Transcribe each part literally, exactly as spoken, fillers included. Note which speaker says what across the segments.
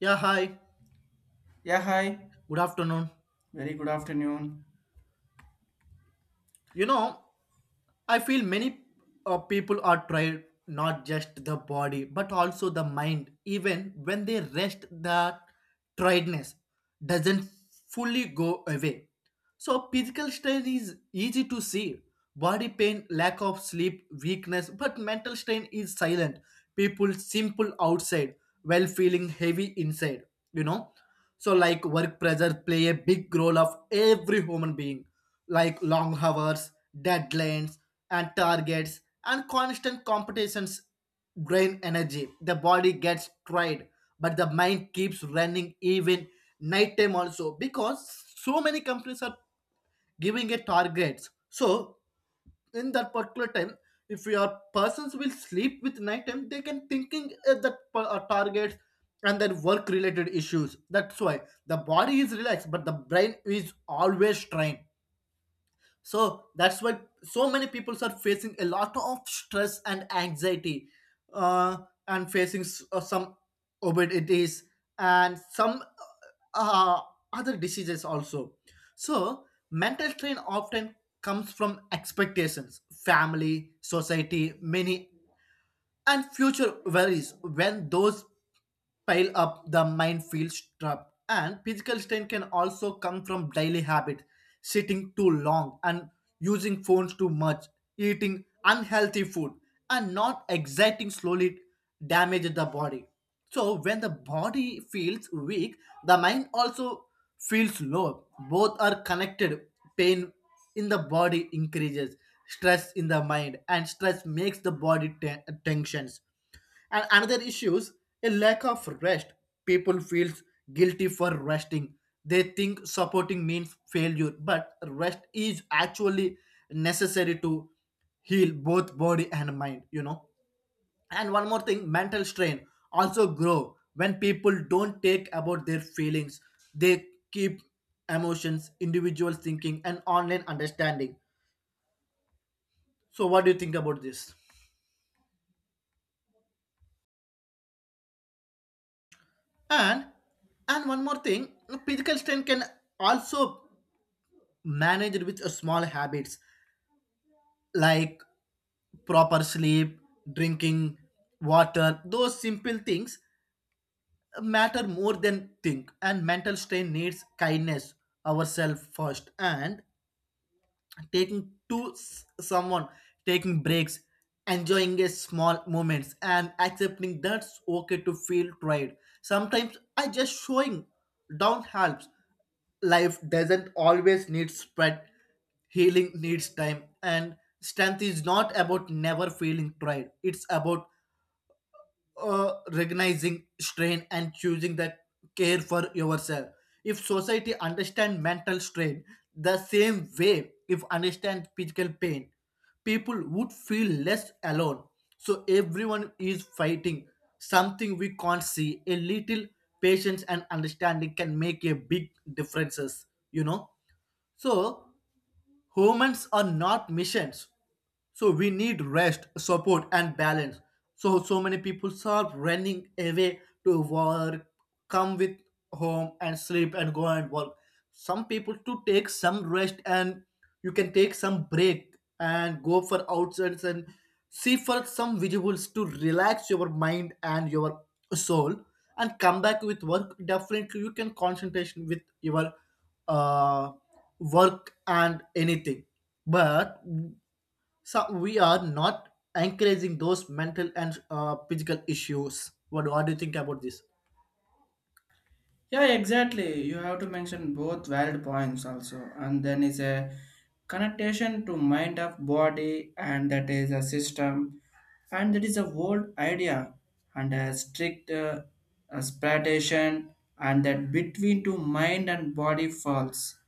Speaker 1: Yeah, hi.
Speaker 2: Yeah, hi.
Speaker 1: Good afternoon.
Speaker 2: Very good afternoon.
Speaker 1: You know, I feel many uh, people are tired, not just the body, but also the mind. Even when they rest, the tiredness doesn't fully go away. So, physical strain is easy to see. Body pain, lack of sleep, weakness, but mental strain is silent. People simple outside while feeling heavy inside, you know. So, like work pressure play a big role of every human being like long hours, deadlines, and targets, and constant competitions drain energy. The body gets tired, but the mind keeps running even nighttime also because so many companies are giving a targets. So in that particular time, if your persons will sleep with nighttime, they can thinking at the per- uh, targets and their work related issues. That's why the body is relaxed, but the brain is always strained, so that's why so many people are facing a lot of stress and anxiety uh, and facing s- uh, some obesities and some uh, uh, other diseases also. So mental strain often comes from expectations, family, society, many, and future worries. When those pile up, the mind feels trapped, and physical strain can also come from daily habit, sitting too long, and using phones too much, eating unhealthy food, and not exerting slowly damage the body. So when the body feels weak, the mind also feels low. Both are connected. Pain in the body increases stress in the mind, and stress makes the body ten- tensions and another issues, a lack of rest. People feels guilty for resting. They think supporting means failure, but rest is actually necessary to heal both body and mind, you know. And one more thing, mental strain also grow when people don't take about their feelings. They keep emotions individual thinking and online understanding. So what do you think about this? And and one more thing, physical strain can also managed with a small habits like proper sleep, drinking water. Those simple things matter more than think, and mental strain needs kindness ourselves first, and taking to s- someone, taking breaks, enjoying a small moments, and accepting that's okay to feel tired sometimes. I just showing down helps. Life doesn't always need spread. Healing needs time, and strength is not about never feeling tired. It's about uh, recognizing strain and choosing the care for yourself. If society understand mental strain the same way if understand physical pain, people would feel less alone. So everyone is fighting something we can't see. A little patience and understanding can make a big differences, you know. So humans are not machines, so we need rest, support, and balance. So so many people are running away to work, come with home and sleep and go and work. Some people to take some rest, and you can take some break and go for outsides and see for some visuals to relax your mind and your soul and come back with work. Definitely you can concentration with your uh, work and anything. But so we are not encouraging those mental and uh, physical issues. What, what do you think about this?
Speaker 2: Yeah, exactly. You have to mention both valid points also. And then is a connotation to mind of body, and that is a system, and that is a world idea, and a strict uh, aspiration, and that between two mind and body falls.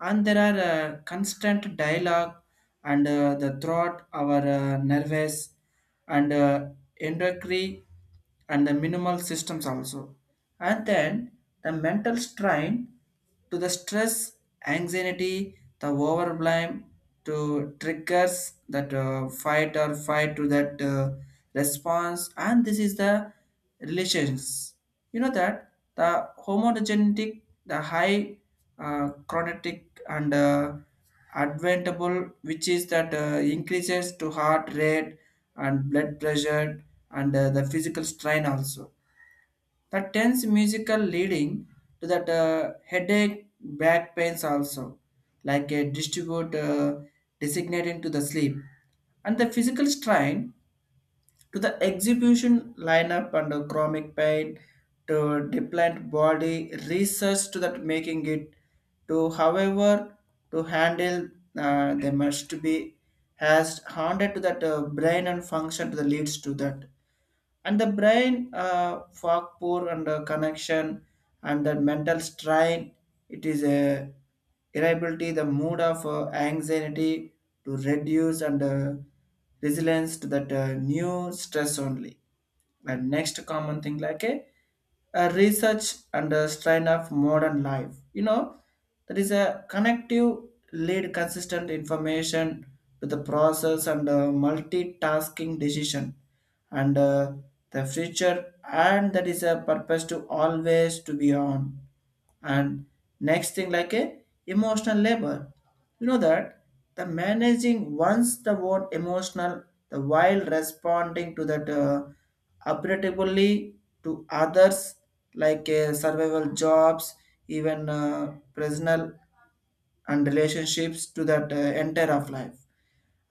Speaker 2: And there are uh, constant dialogue and uh, the throat, our uh, nervous and uh, endocrine and the minimal systems also. And then the mental strain to the stress, anxiety, the overblame to triggers that uh, fight or fight to that uh, response. And this is the relations. You know that the homogeneity, the high uh, chronotic and uh, adventable, which is that uh, increases to heart rate and blood pressure, and uh, the physical strain also, the tense musical leading to that uh, headache back pains also, like a distribute uh, designating to the sleep, and the physical strain to the exhibition lineup under chromic pain to deplant body research to that making it to however to handle, uh, they must be has handed to that uh, brain and function to the leads to that, and the brain uh, fog poor and uh, connection, and the mental strain, it is a irritability, the mood of uh, anxiety to reduce and uh, resilience to that uh, new stress only. And next common thing like a, a research and a strain of modern life, you know, that is a connective lead consistent information to the process and uh, multitasking decision and uh, the future, and that is a purpose to always to be on. And next thing like a emotional labor, you know, that the managing once the word emotional, the while responding to that uh, appropriately to others, like uh, survival jobs, even uh, personal and relationships to that uh, entire of life,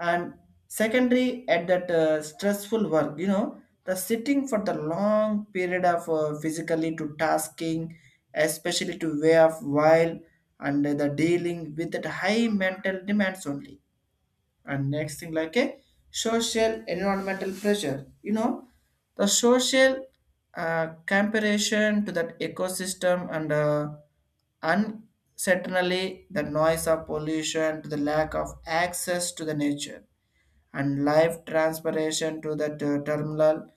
Speaker 2: and secondary at that uh, stressful work, you know, the sitting for the long period of uh, physically to tasking, especially to way of while, and the dealing with that high mental demands only. And next thing like a social environmental pressure, you know, the social uh, comparison to that ecosystem and uh, uncertainly the noise of pollution to the lack of access to the nature and live transpiration to that uh, terminal,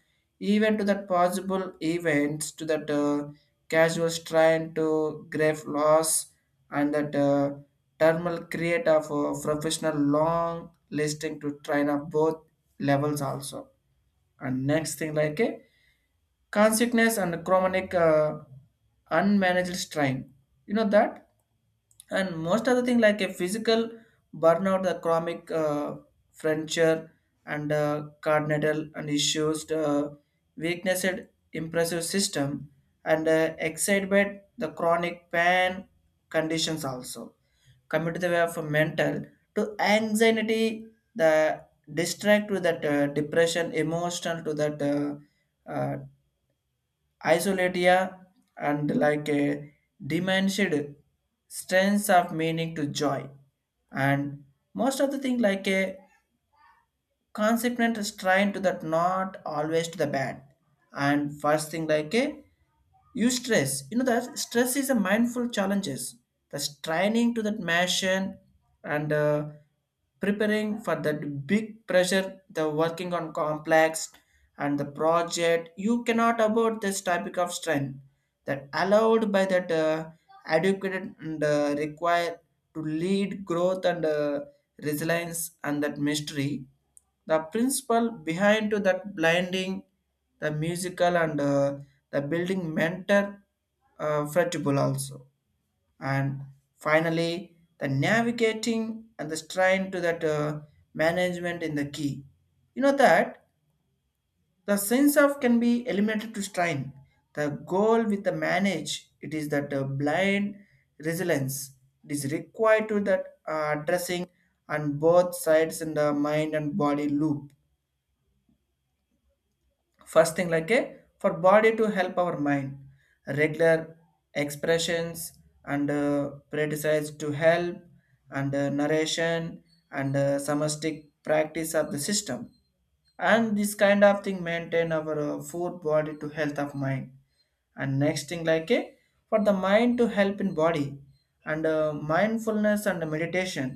Speaker 2: even to that possible events to that uh, casual strain to grave loss and that uh, terminal create of uh, professional long listing to train of both levels also. And next thing like a consciousness and chronic uh, unmanaged strain, you know that, and most of the thing like a physical burnout, the chronic uh, fracture and uh, cardinal and issues, uh, weakness, impressive system and uh, excitement, the chronic pain conditions also, coming to the way of mental to anxiety, the distract to that uh, depression emotional to that uh, uh, isolatia, and like a diminished strength of meaning to joy, and most of the thing like a consequent restraint to that not always to the bad. And first thing like a you stress, you know that stress is a mindful challenges, the straining to that machine and uh, preparing for that big pressure, the working on complex and the project you cannot about this topic of strength that allowed by that uh, adequate and uh, required to lead growth and uh, resilience and that mystery, the principle behind to that blinding the musical and uh, the building mentor uh, flexible also. And finally the navigating and the strain to that uh, management in the key, you know that the sense of can be eliminated to strain. The goal with the manage it is that the blind resilience, it is required to that uh, addressing on both sides in the mind and body loop. First thing like a for body to help our mind, regular expressions and uh, prioritize to help and uh, narration and uh, somatic practice of the system, and this kind of thing maintain our uh, food body to health of mind. And next thing like a for the mind to help in body and uh, mindfulness and meditation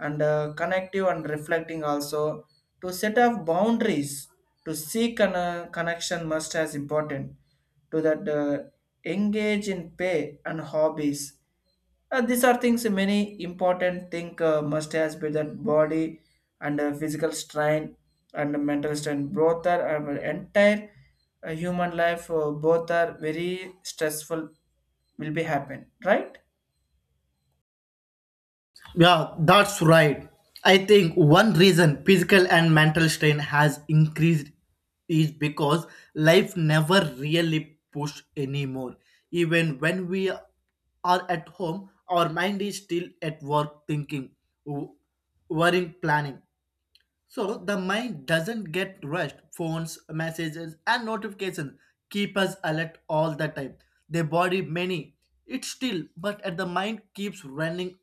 Speaker 2: and uh, connective and reflecting also, to set up boundaries, to seek a connection must as important to that uh, engage in pay and hobbies. Uh, these are things many important thing uh, must has be that body and uh, physical strain and mental strain, both are our entire uh, human life, uh, both are very stressful, will be happen, right?
Speaker 1: Yeah, that's right. I think one reason physical and mental strain has increased is because life never really pushed anymore. Even when we are at home, our mind is still at work, thinking, w- worrying, planning. So the mind doesn't get rushed. Phones, messages, and notifications keep us alert all the time. The body many. It's still, but at the mind keeps running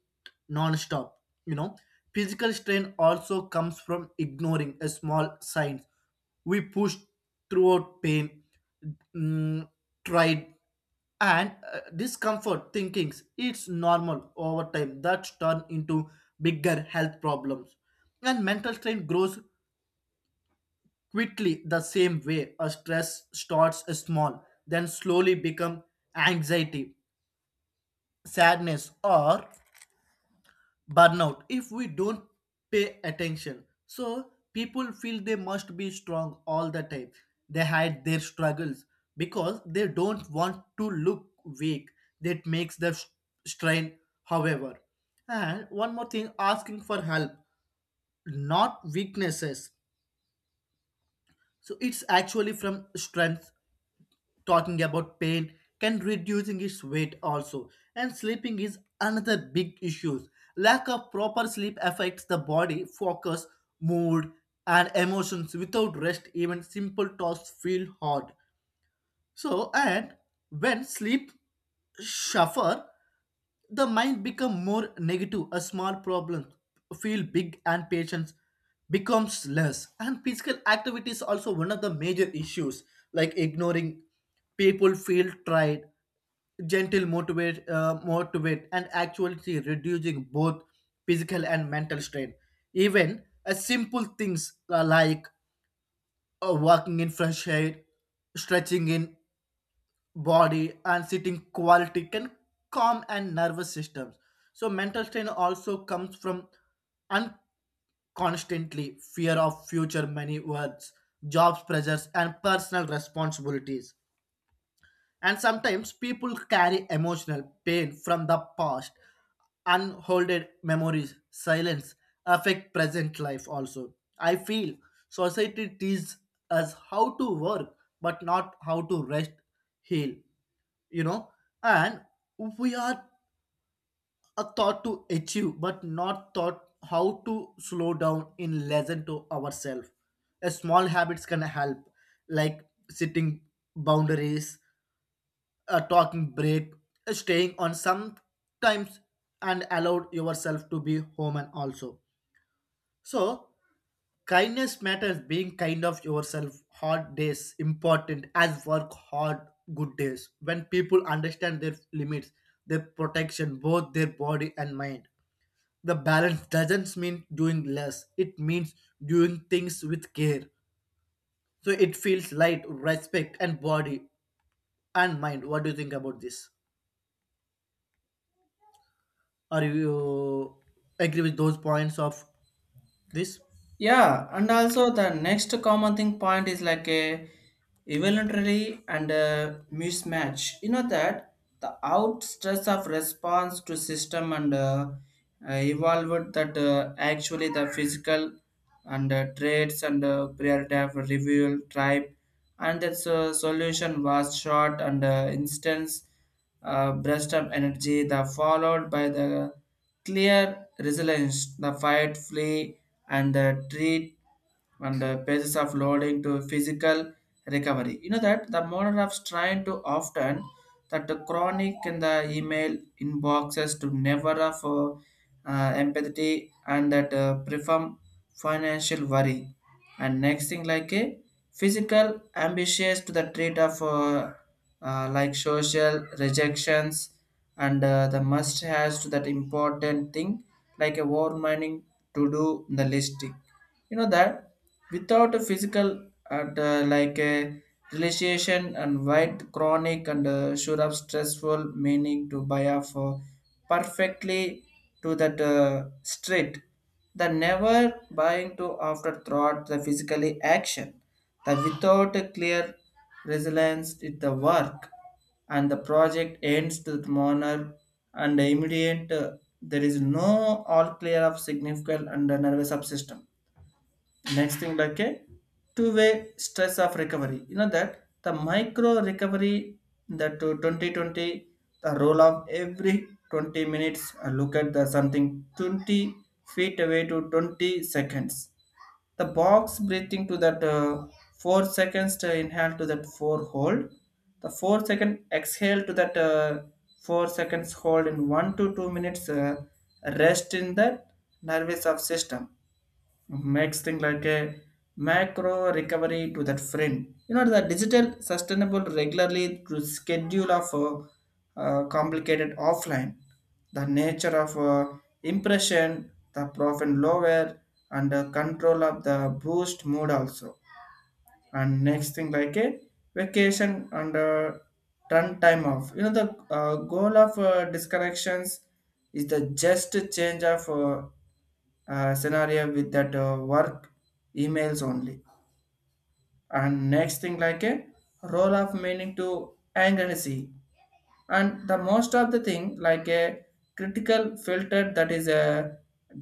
Speaker 1: non-stop. You know, physical strain also comes from ignoring a small signs. We push throughout pain, mm, tried and uh, discomfort thinkings it's normal over time that turn into bigger health problems, and mental strain grows quickly the same way. A stress starts small, then slowly become anxiety, sadness, or burnout if we don't pay attention. So people feel they must be strong all the time. They hide their struggles because they don't want to look weak. That makes the s- strain, however. And one more thing, asking for help, not weaknesses. So it's actually from strength. Talking about pain can reducing its weight also. And sleeping is another big issue. Lack of proper sleep affects the body, focus, mood, and emotions. Without rest, even simple tasks feel hard. So, and when sleep suffer, the mind become more negative. A small problem feel big, and patience becomes less. And physical activity is also one of the major issues, like ignoring people feel tried, gentle motivate, uh, motivate, and actually reducing both physical and mental strain. Even a simple things uh, like uh, walking in fresh air, stretching in body, and sitting quality can calm and nervous systems. So mental strain also comes from unconstantly fear of future, many words, jobs, pressures, and personal responsibilities. And sometimes people carry emotional pain from the past, unholded memories, silence affect present life also. I feel society teaches us how to work, but not how to rest, heal, you know. And we are a thought to achieve, but not thought how to slow down in lesson to ourselves. A small habits can help, like setting boundaries, a talking break, a staying on sometimes, and allowed yourself to be human also. So kindness matters, being kind of yourself. Hard days important as work hard good days. When people understand their limits, their protection, both their body and mind. The balance doesn't mean doing less. It means doing things with care. So it feels light, respect and body and mind. What do you think about this? Are you agree with those points of this?
Speaker 2: Yeah, and also the next common thing point is like a evolutionary and a mismatch. You know that the out stress of response to system and uh, uh, evolved that uh, actually the physical and uh, traits and uh, priority of reveal tribe, and its uh, solution was short and uh, instance uh, burst of energy, the followed by the clear resilience, the fight, flee, and the treat, and the basis of loading to physical recovery. You know that the model of trying to often, that the chronic in the email inboxes to never of uh, uh, empathy and that uh, perform financial worry. And next thing like a physical ambitious to the trait of uh, uh, like social rejections and uh, the must has to that important thing, like a war mining to do in the listing, you know that without a physical and uh, like a relaxation and white chronic and uh, sure of stressful meaning to buy off for perfectly to that uh, street, the never buying to after thought, the physically action, the without a clear resilience it the work and the project ends to the manner and immediate, uh, there is no all clear of significant and the nervous subsystem. Next thing like a two-way stress of recovery, you know that the micro recovery, that to twenty twenty, the role of every twenty minutes uh, look at the something twenty feet away to twenty seconds, the box breathing to that uh, four seconds to inhale, to that four hold, the four second exhale to that uh, four seconds hold, in one to two minutes uh, rest in the nervous of system. Makes thing like a macro recovery to that friend. You know, the digital sustainable regularly to schedule of uh, uh, complicated offline, the nature of uh, impression, the profit lower and uh, control of the boost mood also. And next thing like a vacation and uh, turn time off. You know, the uh, goal of uh, disconnections is the just change of uh, uh, scenario with that uh, work emails only. And next thing like a role of meaning to anxiety and the most of the thing like a critical filter that is a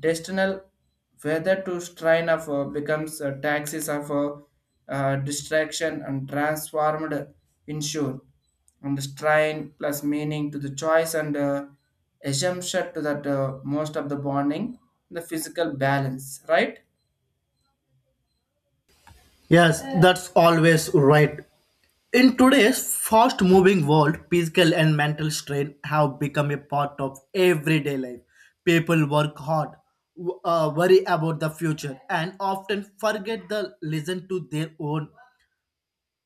Speaker 2: destinal, whether to strain of uh, becomes uh, taxes of uh, uh, distraction and transformed insure, and the strain plus meaning to the choice and uh, assumption to that uh, most of the bonding the physical balance, right?
Speaker 1: Yes, that's always right. In today's fast moving world, physical and mental strain have become a part of everyday life. People work hard, w- uh, worry about the future, and often forget to listen to their own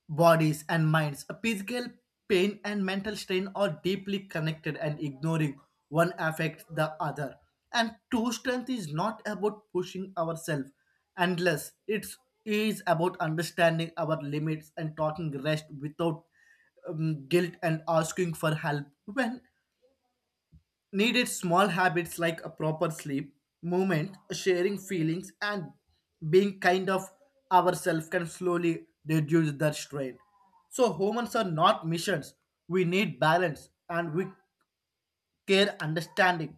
Speaker 1: bodies and minds. A physical pain and mental strain are deeply connected, and ignoring one affects the other. And true strength is not about pushing ourselves endless. It's about understanding our limits and talking rest without um, guilt, and asking for help when needed. Small habits like a proper sleep, movement, sharing feelings, and being kind of ourselves can slowly reduce that strain. So humans are not missions. We need balance and we care understanding.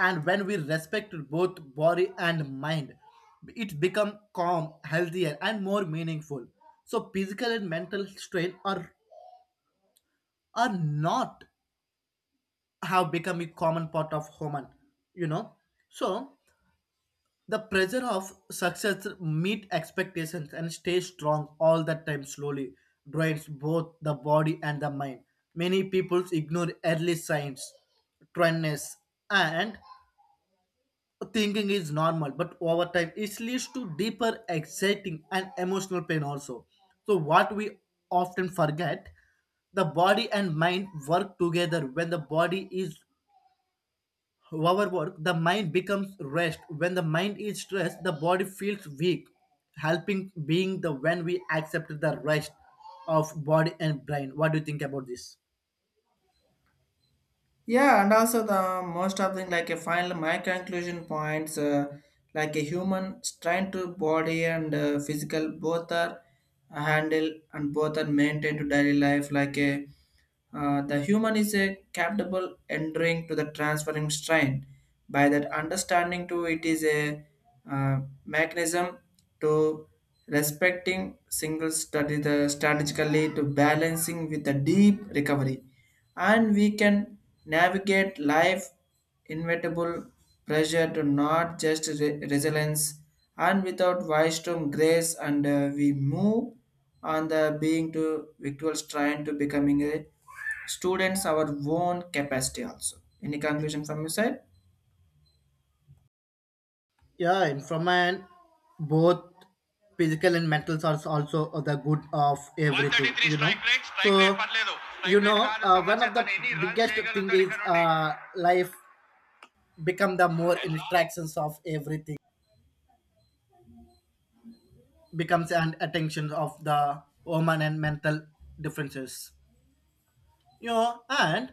Speaker 1: And when we respect both body and mind, it become calm, healthier, and more meaningful. So physical and mental strain are are not have become a common part of human, you know. So the pressure of success, meet expectations, and stay strong all the time slowly drains both the body and the mind. Many people ignore early signs, trendness, and thinking is normal, but over time it leads to deeper, exciting, and emotional pain also. So what we often forget, the body and mind work together. When the body is overwork, the mind becomes rest. When the mind is stressed, the body feels weak, helping being the when we accept the rest of body and brain. What do you think about this?
Speaker 2: Yeah, and also the most of the like a final my conclusion points, uh, like a human trying to body and uh, physical, both are handle and both are maintained to daily life, like a uh, the human is a capable entering to the transferring strain. By that understanding, too, it is a uh, mechanism to respecting single study the strategically to balancing with the deep recovery, and we can navigate life inevitable pressure to not just re- resilience and without wisdom grace, and uh, we move on the being to victuals trying to becoming a students our own capacity also. Any conclusion from your side?
Speaker 1: Yeah, and from my end, both physical and mental are also the good of everything, you know. So, you know, uh, one of the biggest thing is ఇక్కడ uh, life become the more interactions of everything, becomes an attention of the woman and mental differences. You know, and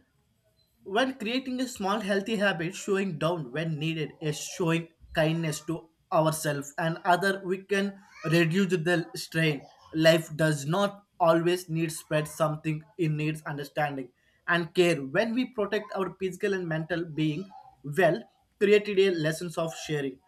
Speaker 1: when creating a small healthy habit, showing down when needed is showing kindness to ourselves and other, we can reduce the strain. Life does not always need spread something. It needs understanding and care. When we protect our physical and mental being, well, created a lessons of sharing